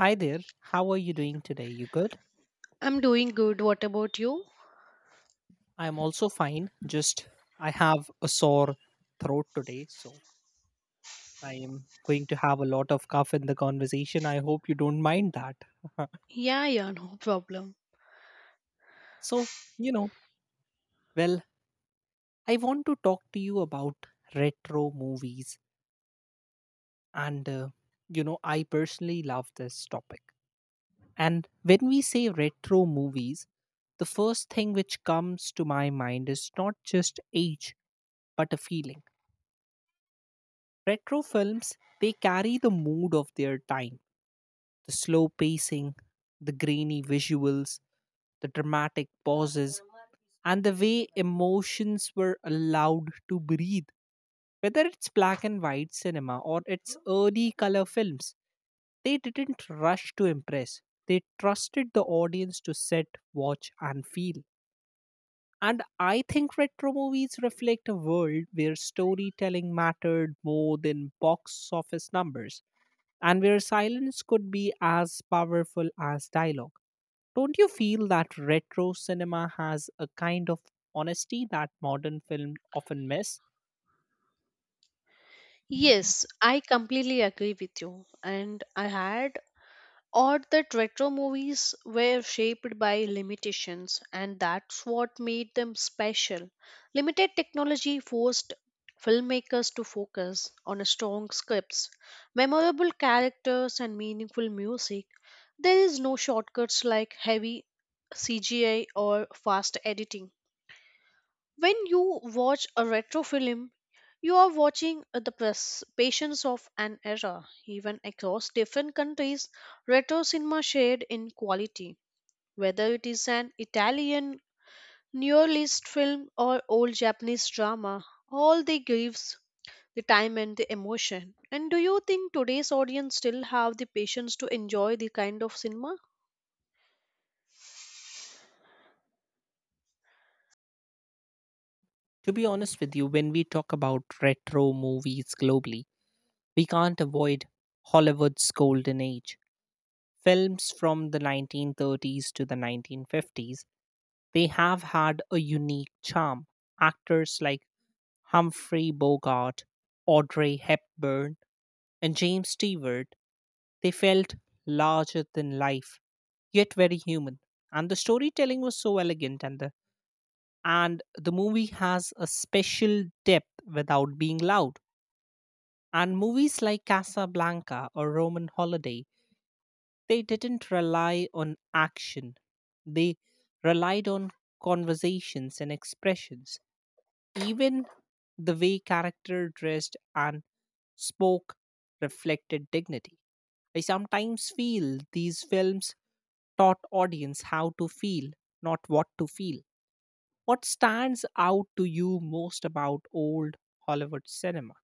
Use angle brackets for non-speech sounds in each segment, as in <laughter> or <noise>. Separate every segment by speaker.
Speaker 1: Hi there. How are you doing today? You good?
Speaker 2: I'm doing good. What about you?
Speaker 1: I'm also fine. Just I have a sore throat today, so I am going to have a lot of cough in the conversation. I hope you don't mind that. <laughs>
Speaker 2: Yeah, yeah, no problem.
Speaker 1: so, you know, well, I want to talk to you about retro movies and I personally love this topic. And when we say retro movies, the first thing which comes to my mind is not just age, but a feeling. Retro films, they carry the mood of their time, the slow pacing, the grainy visuals, the dramatic pauses, and the way emotions were allowed to breathe. Whether it's black and white cinema or it's early color films, they didn't rush to impress. They trusted the audience to sit, watch, and feel. And I think retro movies reflect a world where storytelling mattered more than box office numbers and where silence could be as powerful as dialogue. Don't you feel that retro cinema has a kind of honesty that modern film often miss?
Speaker 2: Yes, I completely agree with you. And I had or that retro movies were shaped by limitations, and that's what made them special. Limited technology forced filmmakers to focus on strong scripts, memorable characters, and meaningful music. There is no shortcuts like heavy CGI or fast editing. When you watch a retro film, you are watching the patience of an era. Even across different countries, retro cinema shared in quality. Whether it is an Italian neorealist film or old Japanese drama, all they gives the time and the emotion. And do you think today's audience still have the patience to enjoy the kind of cinema?
Speaker 1: To be honest with you, when we talk about retro movies globally, we can't avoid Hollywood's golden age. Films from the 1930s to the 1950s, they have had a unique charm. Actors like Humphrey Bogart, Audrey Hepburn, and James Stewart, they felt larger than life, yet very human. And the storytelling was so elegant, and the movie has a special depth without being loud. And movies like Casablanca or Roman Holiday, they didn't rely on action; they relied on conversations and expressions. Even the way character dressed and spoke reflected dignity. I sometimes feel these films taught audience how to feel, not what to feel. What stands out to you most about old Hollywood cinema?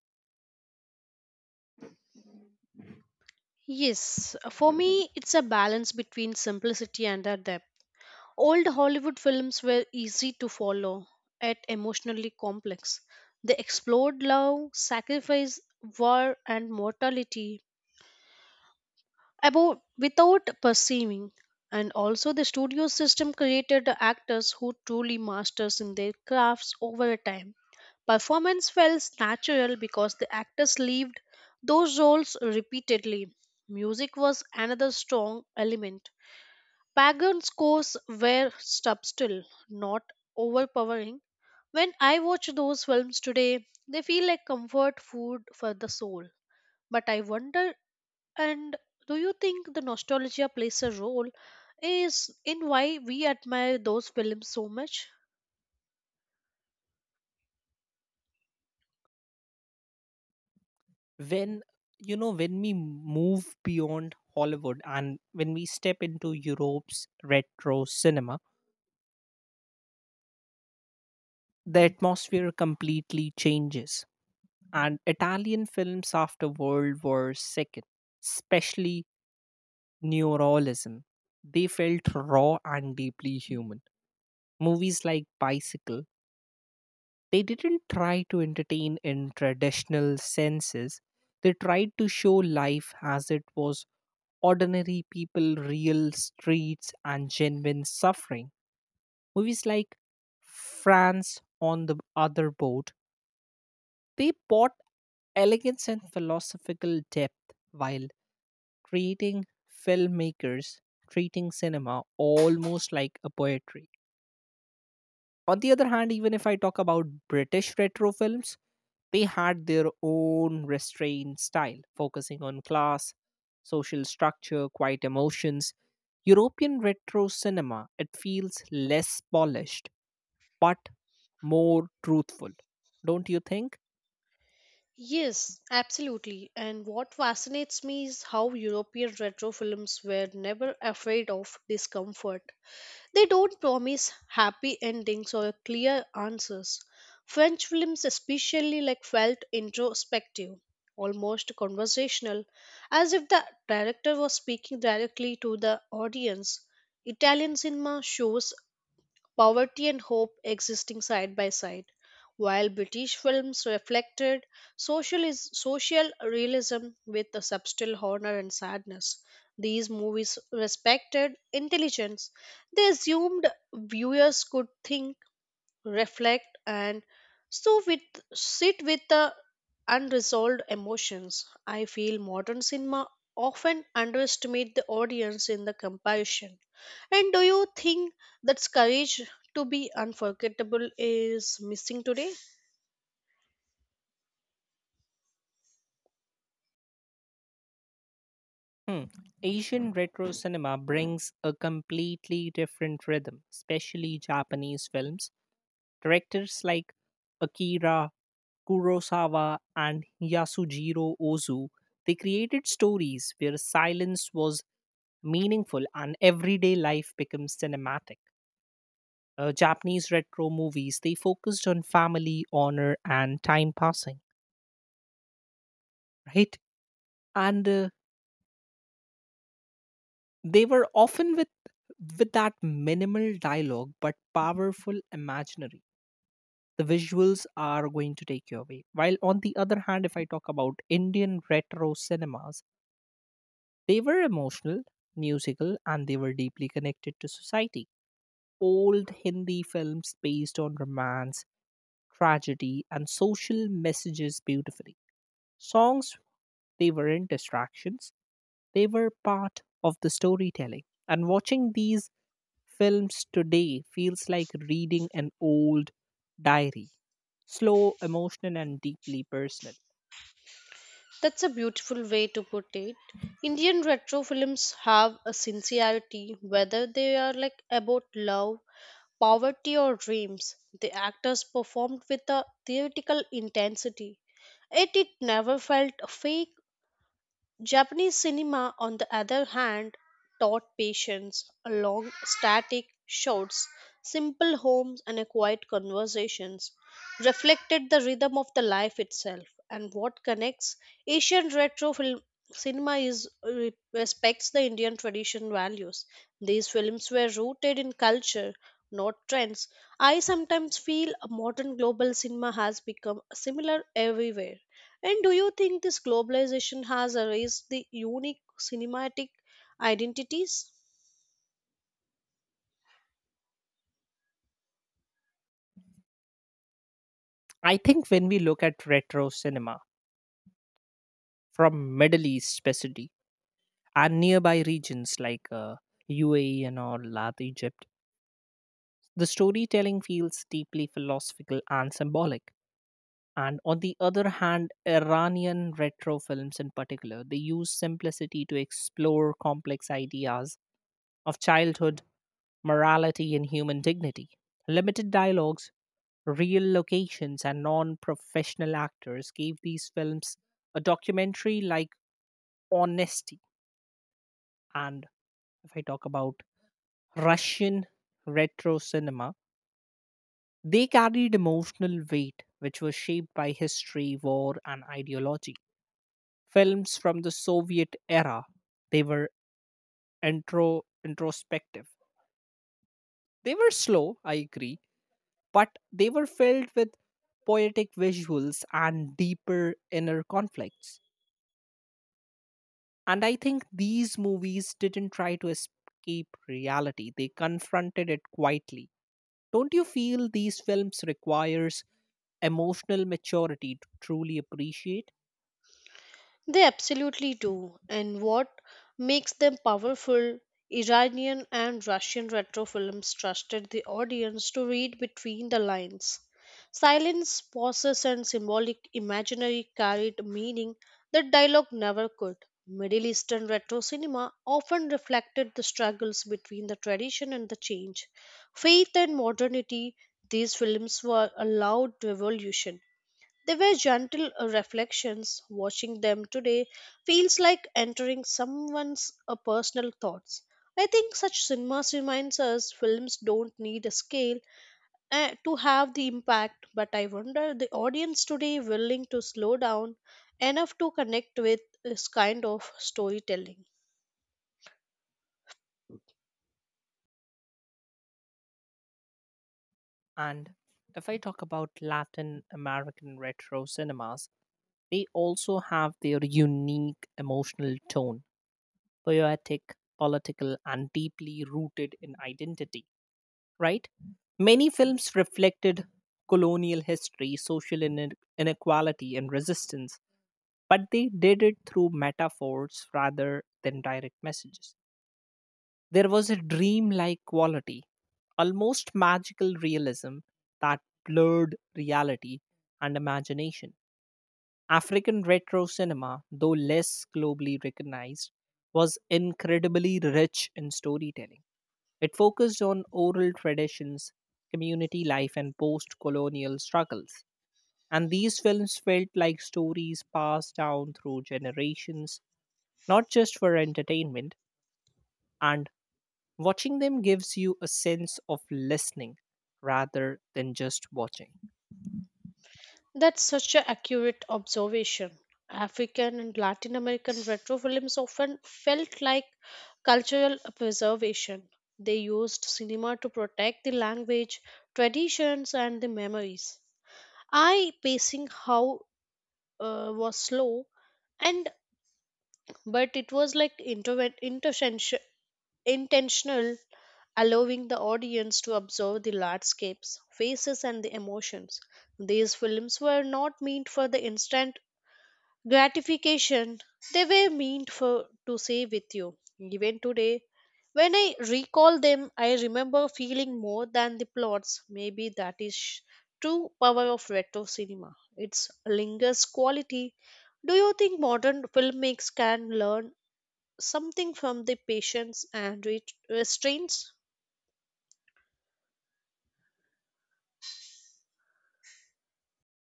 Speaker 2: Yes, for me, it's a balance between simplicity and the depth. Old Hollywood films were easy to follow, yet emotionally complex. They explored love, sacrifice, war, and mortality about without perceiving. And also, the studio system created the actors who truly masters in their crafts over a time. Performance felt natural because the actors lived those roles repeatedly. Music was another strong element. Pagan scores were subtle, not overpowering. When I watch those films today, they feel like comfort food for the soul. But I wonder, and do you think the nostalgia plays a role is in why we admire those films so much?
Speaker 1: When you know when we move beyond Hollywood and when we step into Europe's retro cinema, the atmosphere completely changes. And Italian films after World War II, especially Neorealism, they felt raw and deeply human. Movies like Bicycle, they didn't try to entertain in traditional senses. They tried to show life as it was: ordinary people, real streets, and genuine suffering. Movies like France on the Other Boat, they bought elegance and philosophical depth while creating filmmakers treating cinema almost like a poetry. On the other hand, even if I talk about British retro films, they had their own restrained style, focusing on class, social structure, quiet emotions. European retro cinema, it feels less polished but more truthful. Don't you think?
Speaker 2: Yes, absolutely. And what fascinates me is how European retro films were never afraid of discomfort. They don't promise happy endings or clear answers. French films especially like felt introspective, almost conversational, as if the director was speaking directly to the audience. Italian cinema shows poverty and hope existing side by side. While British films reflected social realism with a subtle honor and sadness, these movies respected intelligence. They assumed viewers could think, reflect, and so with sit with the unresolved emotions. I feel modern cinema often underestimate the audience in the compassion. And do you think that courage to be unforgettable is missing today?
Speaker 1: Hmm. Asian retro cinema brings a completely different rhythm, especially Japanese films. Directors like Akira Kurosawa and Yasujiro Ozu, they created stories where silence was meaningful and everyday life becomes cinematic. Japanese retro movies, they focused on family, honor, and time passing, right? And they were often with that minimal dialogue but powerful imaginary, the visuals are going to take you away. While on the other hand, if I talk about Indian retro cinemas, they were emotional, musical, and they were deeply connected to society. Old Hindi films based on romance, tragedy, and social messages beautifully. Songs, they weren't distractions, they were part of the storytelling. And watching these films today feels like reading an old diary, slow, emotional and deeply personal.
Speaker 2: That's a beautiful way to put it. Indian retro films have a sincerity, whether they are like about love, poverty, or dreams. The actors performed with a theatrical intensity. Yet it never felt fake. Japanese cinema, on the other hand, taught patience, long static shots, simple homes, and a quiet conversations, reflected the rhythm of the life itself. And what connects Asian retro film cinema is respects the Indian tradition values. These films were rooted in culture, not trends. I sometimes feel modern global cinema has become similar everywhere. And do you think this globalization has erased the unique cinematic identities?
Speaker 1: I think when we look at retro cinema from Middle East specifically and nearby regions like UAE and all that Egypt, the storytelling feels deeply philosophical and symbolic. And on the other hand, Iranian retro films in particular, they use simplicity to explore complex ideas of childhood, morality, and human dignity. Limited dialogues, real locations, and non professional actors gave these films a documentary like honesty. And if I talk about Russian retro cinema, they carried emotional weight which was shaped by history, war, and ideology. Films from the Soviet era, they were introspective. They were slow, I agree, but they were filled with poetic visuals and deeper inner conflicts. And I think these movies didn't try to escape reality, they confronted it quietly. Don't you feel these films requires emotional maturity to truly appreciate?
Speaker 2: They absolutely do. And what makes them powerful? Iranian and Russian retro films trusted the audience to read between the lines. Silence, pauses, and symbolic imaginary carried meaning that dialogue never could. Middle Eastern retro cinema often reflected the struggles between the tradition and the change. Faith and modernity, these films were allowed revolution, they were gentle reflections. Watching them today feels like entering someone's personal thoughts. I think such cinemas reminds us films don't need a scale to have the impact, but I wonder the audience today willing to slow down enough to connect with this kind of storytelling.
Speaker 1: And if I talk about Latin American retro cinemas, they also have their unique emotional tone, poetic, political, and deeply rooted in identity, right? Many films reflected colonial history, social inequality, and resistance, but they did it through metaphors rather than direct messages. There was a dreamlike quality, almost magical realism that blurred reality and imagination. African retro cinema, though less globally recognized, was incredibly rich in storytelling. It focused on oral traditions, community life, and post colonial struggles. And these films felt like stories passed down through generations, not just for entertainment. And watching them gives you a sense of listening rather than just watching.
Speaker 2: That's such an accurate observation. African and Latin American retro films often felt like cultural preservation. They used cinema to protect the language, traditions, and the memories. I pacing how was slow, and but it was like intentional, allowing the audience to observe the landscapes, faces, and the emotions. These films were not meant for the instant gratification, they were meant for to say with you even today. When I recall them, I remember feeling more than the plots. Maybe that is true power of retro cinema, its lingers quality. Do you think modern filmmakers can learn something from the patience and restraints?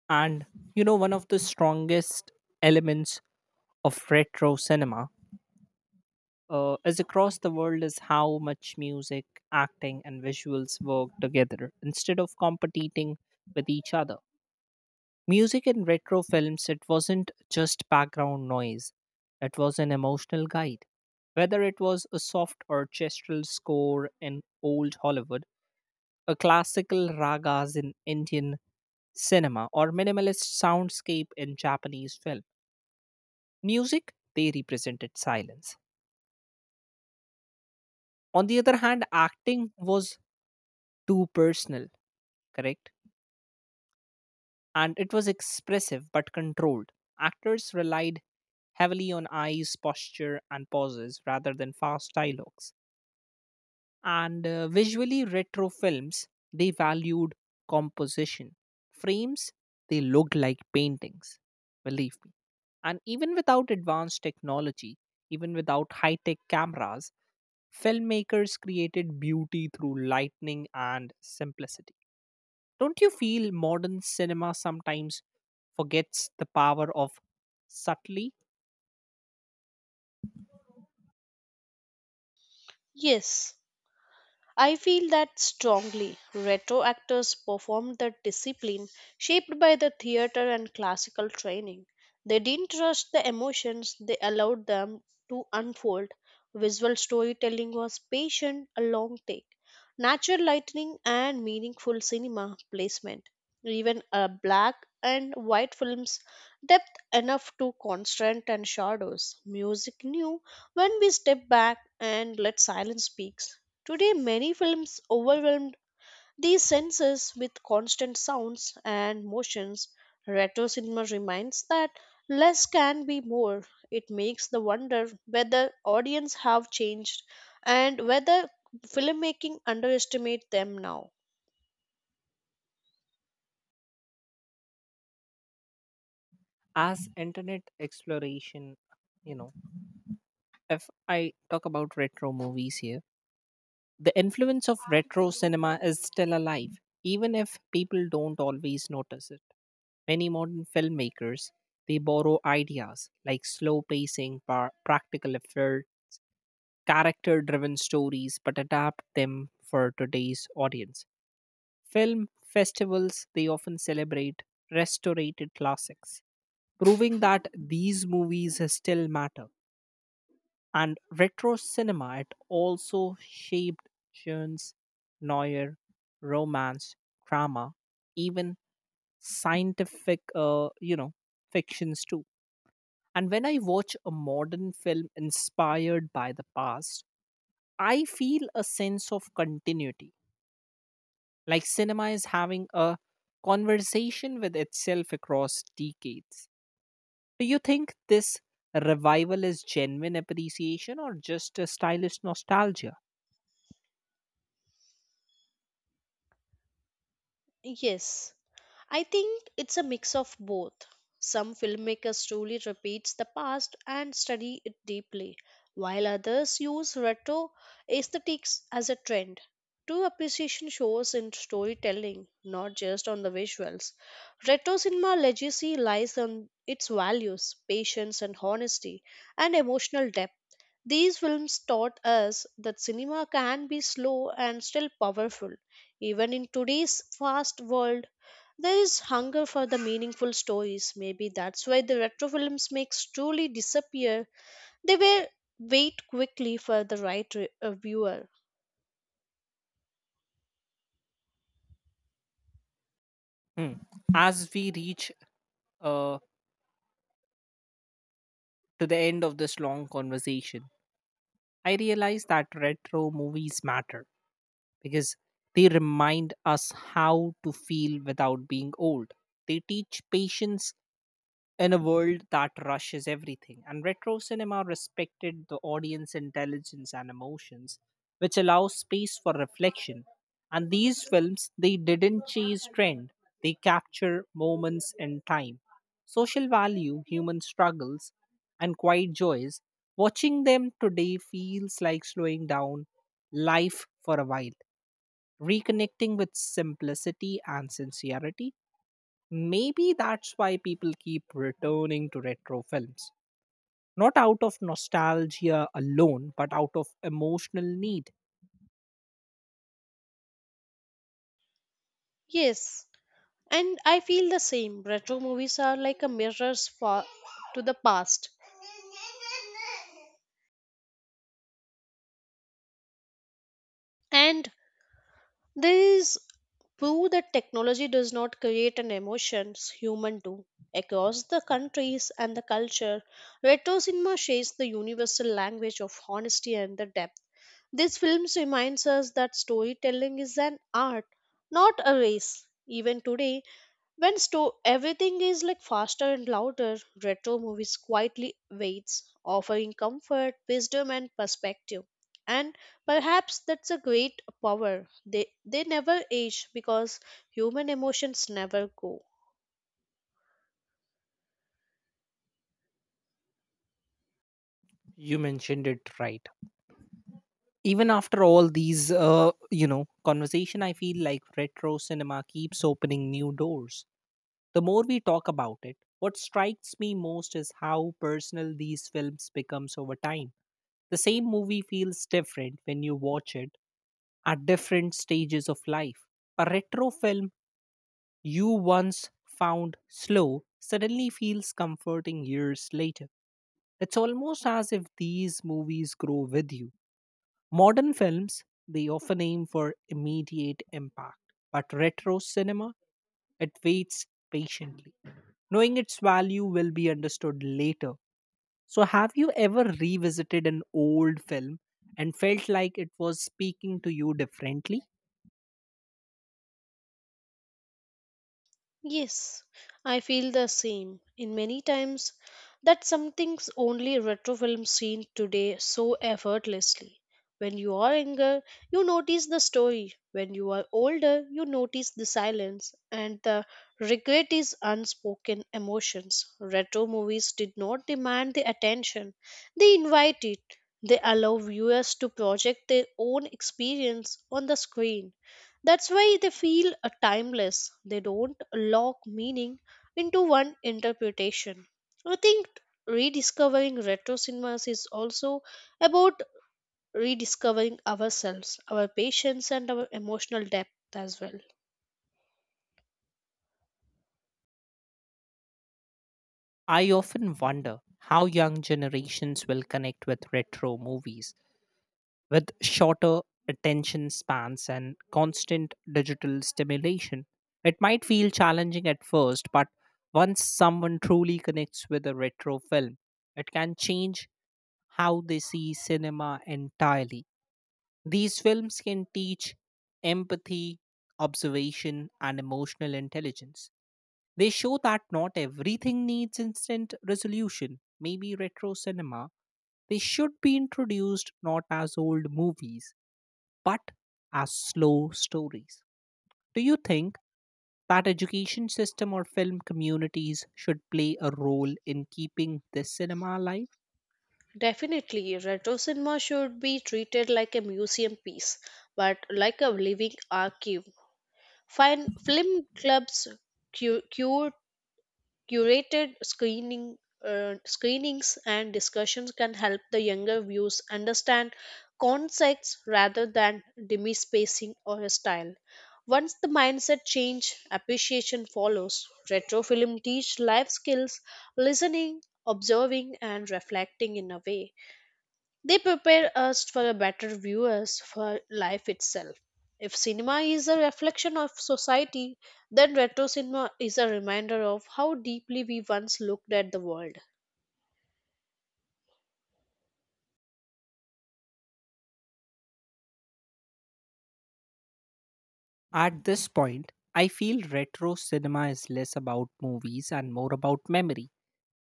Speaker 1: And you know, one of the strongest elements of retro cinema is across the world is how much music, acting, and visuals work together instead of competing with each other. Music in retro films, it wasn't just background noise, it was an emotional guide. Whether it was a soft orchestral score in old Hollywood, a classical ragas in Indian cinema, or minimalist soundscape in Japanese film, music, they represented silence. On the other hand, acting was too personal, correct? And it was expressive but controlled. Actors relied heavily on eyes, posture, and pauses rather than fast dialogues. And visually, retro films they valued composition. Frames they looked like paintings, believe me. And even without advanced technology, even without high tech cameras, filmmakers created beauty through lightning and simplicity. Don't you feel modern cinema sometimes forgets the power of subtly
Speaker 2: Yes, I feel that strongly. Retro actors performed the discipline shaped by the theater and classical training. They didn't rush the emotions, they allowed them to unfold. Visual storytelling was patient, a long take. Natural lighting and meaningful cinema placement. Even black and white films depth enough to constant and shadows. Music knew when we step back and let silence speak. Today, many films overwhelmed these senses with constant sounds and motions. Retro cinema reminds that less can be more. It makes the wonder whether audience have changed and whether filmmaking underestimate them now.
Speaker 1: as internet exploration? You know, if I talk about retro movies here, the influence of retro cinema is still alive, even if people don't always notice it. Many modern filmmakers they borrow ideas like slow pacing, practical effects, character driven stories, but adapt them for today's audience. Film festivals, they often celebrate restorated classics, proving that these movies still matter. And retro cinema, it also shaped genres, noir, romance, drama, even scientific, fictions too. And when I watch a modern film inspired by the past, I feel a sense of continuity, like cinema is having a conversation with itself across decades. Do you think this revival is genuine appreciation or just a stylish nostalgia?
Speaker 2: Yes. I think it's a mix of both. Some filmmakers truly repeats the past and study it deeply, while others use retro aesthetics as a trend. True appreciation shows in storytelling, not just on the visuals. Retro cinema legacy lies on its values, patience and honesty, and emotional depth. These films taught us that cinema can be slow and still powerful. Even in today's fast world, there is hunger for the meaningful stories. Maybe that's why the retro films makes truly disappear. They were wait quickly for the right viewer.
Speaker 1: Hmm. As we reach uh, to the end of this long conversation, I realize that retro movies matter, because they remind us how to feel without being old. They teach patience in a world that rushes everything. And retro cinema respected the audience intelligence and emotions, which allows space for reflection. And these films, they didn't chase trend, they capture moments in time. Social value, human struggles, and quiet joys. Watching them today feels like slowing down life for a while, reconnecting with simplicity and sincerity. Maybe that's why people keep returning to retro films, not out of nostalgia alone, but out of emotional need.
Speaker 2: Yes, and I feel the same. Retro movies are like a mirrors for to the past, and these prove that technology does not create an emotions, human do. Across the countries and the culture, retro cinema shapes the universal language of honesty and the depth. These films reminds us that storytelling is an art, not a race. Even today, when everything is like faster and louder, retro movies quietly waits, offering comfort, wisdom, and perspective. And perhaps that's a great power. They never age because human emotions never go.
Speaker 1: You mentioned it right. Even after all these, conversation, I feel like retro cinema keeps opening new doors. The more we talk about it, what strikes me most is how personal these films becomes over time. The same movie feels different when you watch it at different stages of life. A retro film you once found slow suddenly feels comforting years later. It's almost as if these movies grow with you. Modern films, they often aim for immediate impact, but retro cinema, it waits patiently, knowing its value will be understood later. So, have you ever revisited an old film and felt like it was speaking to you differently?
Speaker 2: Yes, I feel the same. In many times, that something's only retro film seen today so effortlessly. When you are younger, you notice the story. When you are older, you notice the silence and the regret is unspoken emotions. Retro movies did not demand the attention, they invite it. They allow viewers to project their own experience on the screen. That's why they feel timeless. They don't lock meaning into one interpretation. I think rediscovering retro cinemas is also about rediscovering ourselves, our patience, and our emotional depth as well.
Speaker 1: I often wonder how young generations will connect with retro movies with shorter attention spans and constant digital stimulation. It might feel challenging at first, but once someone truly connects with a retro film, it can change how they see cinema entirely. These films can teach empathy, observation, and emotional intelligence. They show that not everything needs instant resolution. Maybe retro cinema, they should be introduced not as old movies, but as slow stories. Do you think that education system or film communities should play a role in keeping this cinema alive?
Speaker 2: Definitely, retro cinema should be treated like a museum piece, but like a living archive. Fine film clubs, cu- cure curated screenings and discussions can help the younger viewers understand concepts rather than demispacing or a style. Once the mindset change, appreciation follows. Retro film teach life skills, listening, observing, and reflecting in a way they prepare us for a better viewers for life itself. If cinema is a reflection of society, then retro cinema is a reminder of how deeply we once looked at the world.
Speaker 1: At this point, I feel retro cinema is less about movies and more about memory,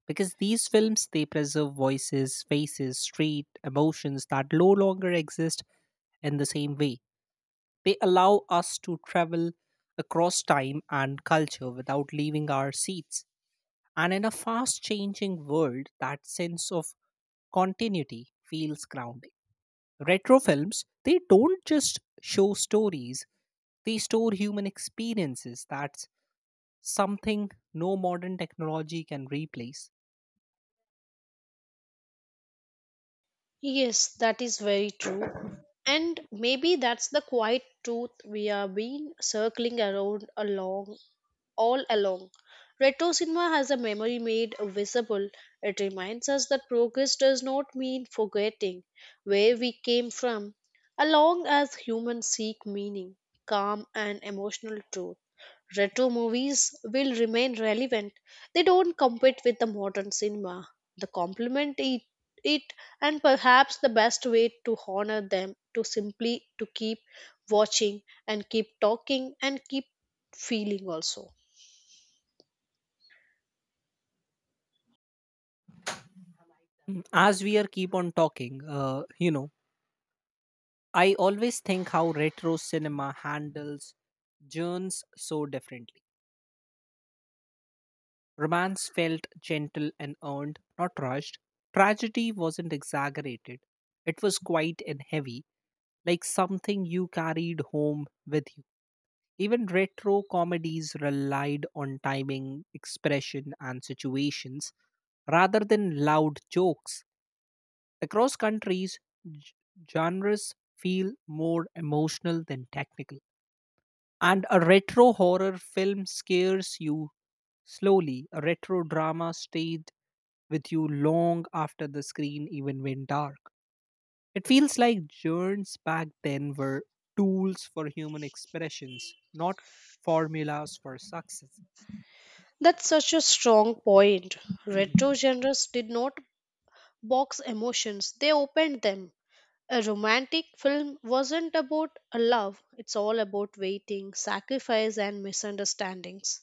Speaker 1: because these films they preserve voices, faces, street emotions that no longer exist in the same way. They allow us to travel across time and culture without leaving our seats, and in a fast changing world that sense of continuity feels grounding. Retro films they don't just show stories, they store human experiences. That's something no modern technology can replace.
Speaker 2: Yes, that is very true. And maybe that's the quiet truth we are being circling around along all along. Retro cinema has a memory made visible. It reminds us that progress does not mean forgetting where we came from, along as humans seek meaning, calm, and emotional truth. Retro movies will remain relevant. They don't compete with the modern cinema. They complement it, and perhaps the best way to honor them to simply to keep watching and keep talking and keep feeling also.
Speaker 1: Mm, as we are keep on talking, I always think how retro cinema handles journeys so differently. Romance felt gentle and earned, not rushed. Tragedy wasn't exaggerated. It was quiet and heavy, like something you carried home with you. Even retro comedies relied on timing, expression, and situations rather than loud jokes. Across countries, g- genres feel more emotional than technical. And a retro horror film scares you slowly. A retro drama stayed with you long after the screen even went dark. It feels like journeys back then were tools for human expressions, not formulas for success.
Speaker 2: That's such a strong point. Retro genres did not box emotions, they opened them. A romantic film wasn't about a love, it's all about waiting, sacrifice, and misunderstandings.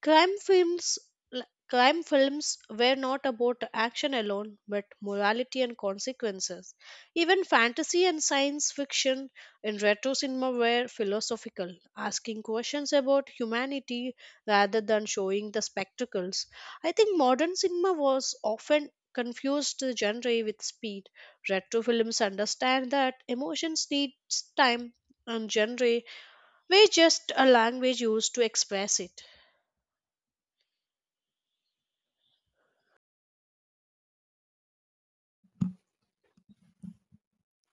Speaker 2: Crime films, crime films were not about action alone, but morality and consequences. Even fantasy and science fiction in retro cinema were philosophical, asking questions about humanity rather than showing the spectacles. I think modern cinema was often confused the genre with speed. Retro films understand that emotions need time and genre were just a language used to express it.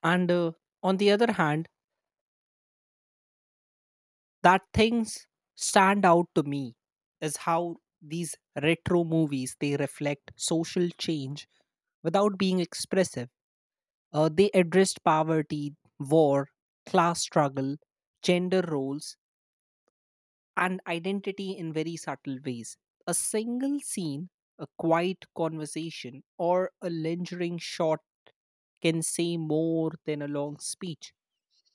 Speaker 1: And on the other hand, that things stand out to me is how these retro movies they reflect social change without being expressive. They addressed poverty, war, class struggle, gender roles, and identity in very subtle ways. A single scene, a quiet conversation, or a lingering shot can say more than a long speech.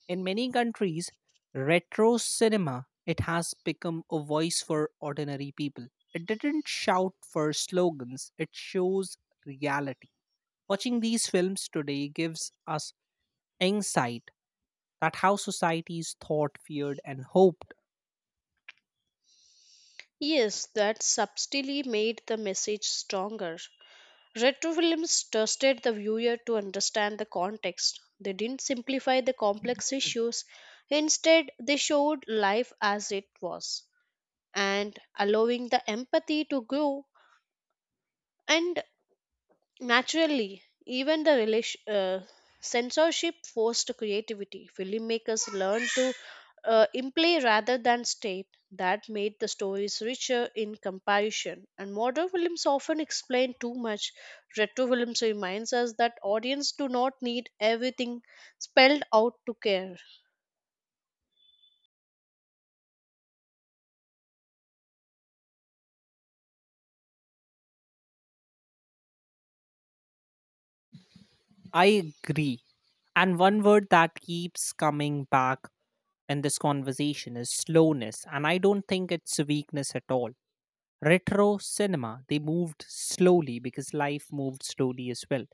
Speaker 1: In many countries, retro cinema it has become a voice for ordinary people. It didn't shout for slogans, it shows reality. Watching these films today gives us insight that how societies thought, feared and hoped.
Speaker 2: Yes, that subtly made the message stronger. Retro films trusted the viewer to understand the context. They didn't simplify the complex issues. Instead, they showed life as it was and allowing the empathy to grow and naturally, even the censorship forced creativity. Filmmakers learned to imply rather than state. That made the stories richer in comparison. And modern films often explain too much. Retro films reminds us that audience do not need everything spelled out to care.
Speaker 1: I agree. And one word that keeps coming back in this conversation is slowness, and I don't think it's a weakness at all. Retro cinema, they moved slowly because life moved slowly as well.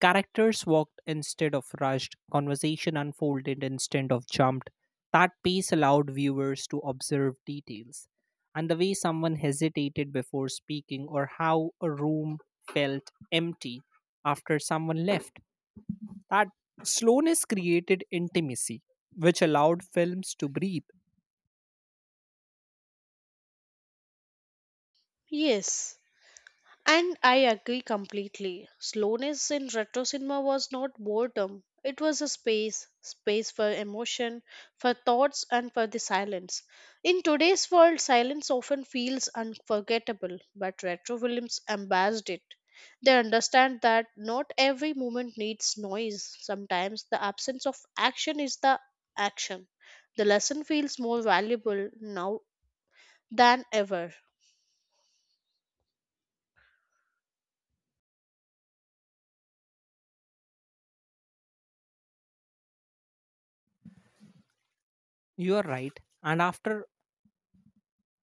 Speaker 1: Characters walked instead of rushed, conversation unfolded instead of jumped. That pace allowed viewers to observe details and the way someone hesitated before speaking or how a room felt empty after someone left. That slowness created intimacy, which allowed films to breathe.
Speaker 2: Yes. And I agree completely. Slowness in retro cinema was not boredom. It was a space for emotion, for thoughts, and for the silence. In today's world, silence often feels unforgettable, but retro films embraced it. They understand that not every moment needs noise. Sometimes the absence of action is the action. The lesson feels more valuable now than ever.
Speaker 1: You're right. And after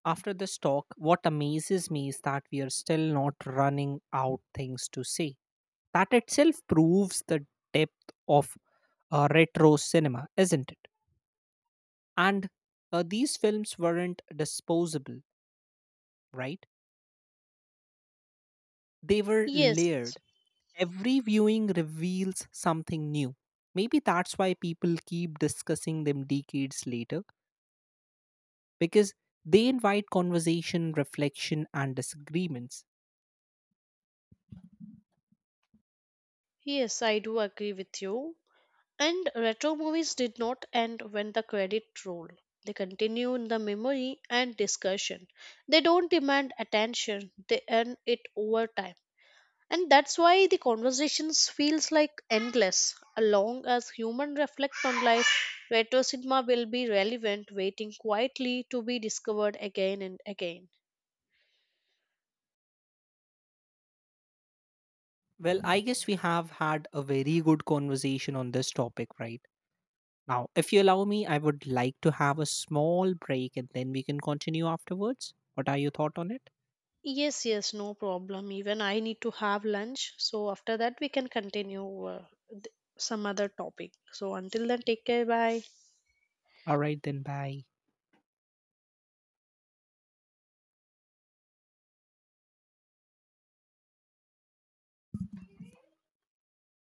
Speaker 1: After this talk, what amazes me is that we are still not running out things to say. That itself proves the depth of retro cinema, isn't it? And these films weren't disposable, right? They were
Speaker 2: Yes,
Speaker 1: layered. Every viewing reveals something new. Maybe that's why people keep discussing them decades later, because they invite conversation, reflection, and disagreements.
Speaker 2: yes, I do agree with you. And retro movies did not end when the credit roll. They continue in the memory and discussion. They don't demand attention, they earn it over time. And that's why the conversations feels like endless. As long as human reflect on life, retro cinema will be relevant, waiting quietly to be discovered again and again.
Speaker 1: Well, I guess we have had a very good conversation on this topic right now. If you allow me, I would like to have a small break and then we can continue afterwards. What are your thoughts on it?
Speaker 2: Yes, yes, no problem. Even I need to have lunch. So after that we can continue some other topic. So until then, take care, bye.
Speaker 1: All right, then bye.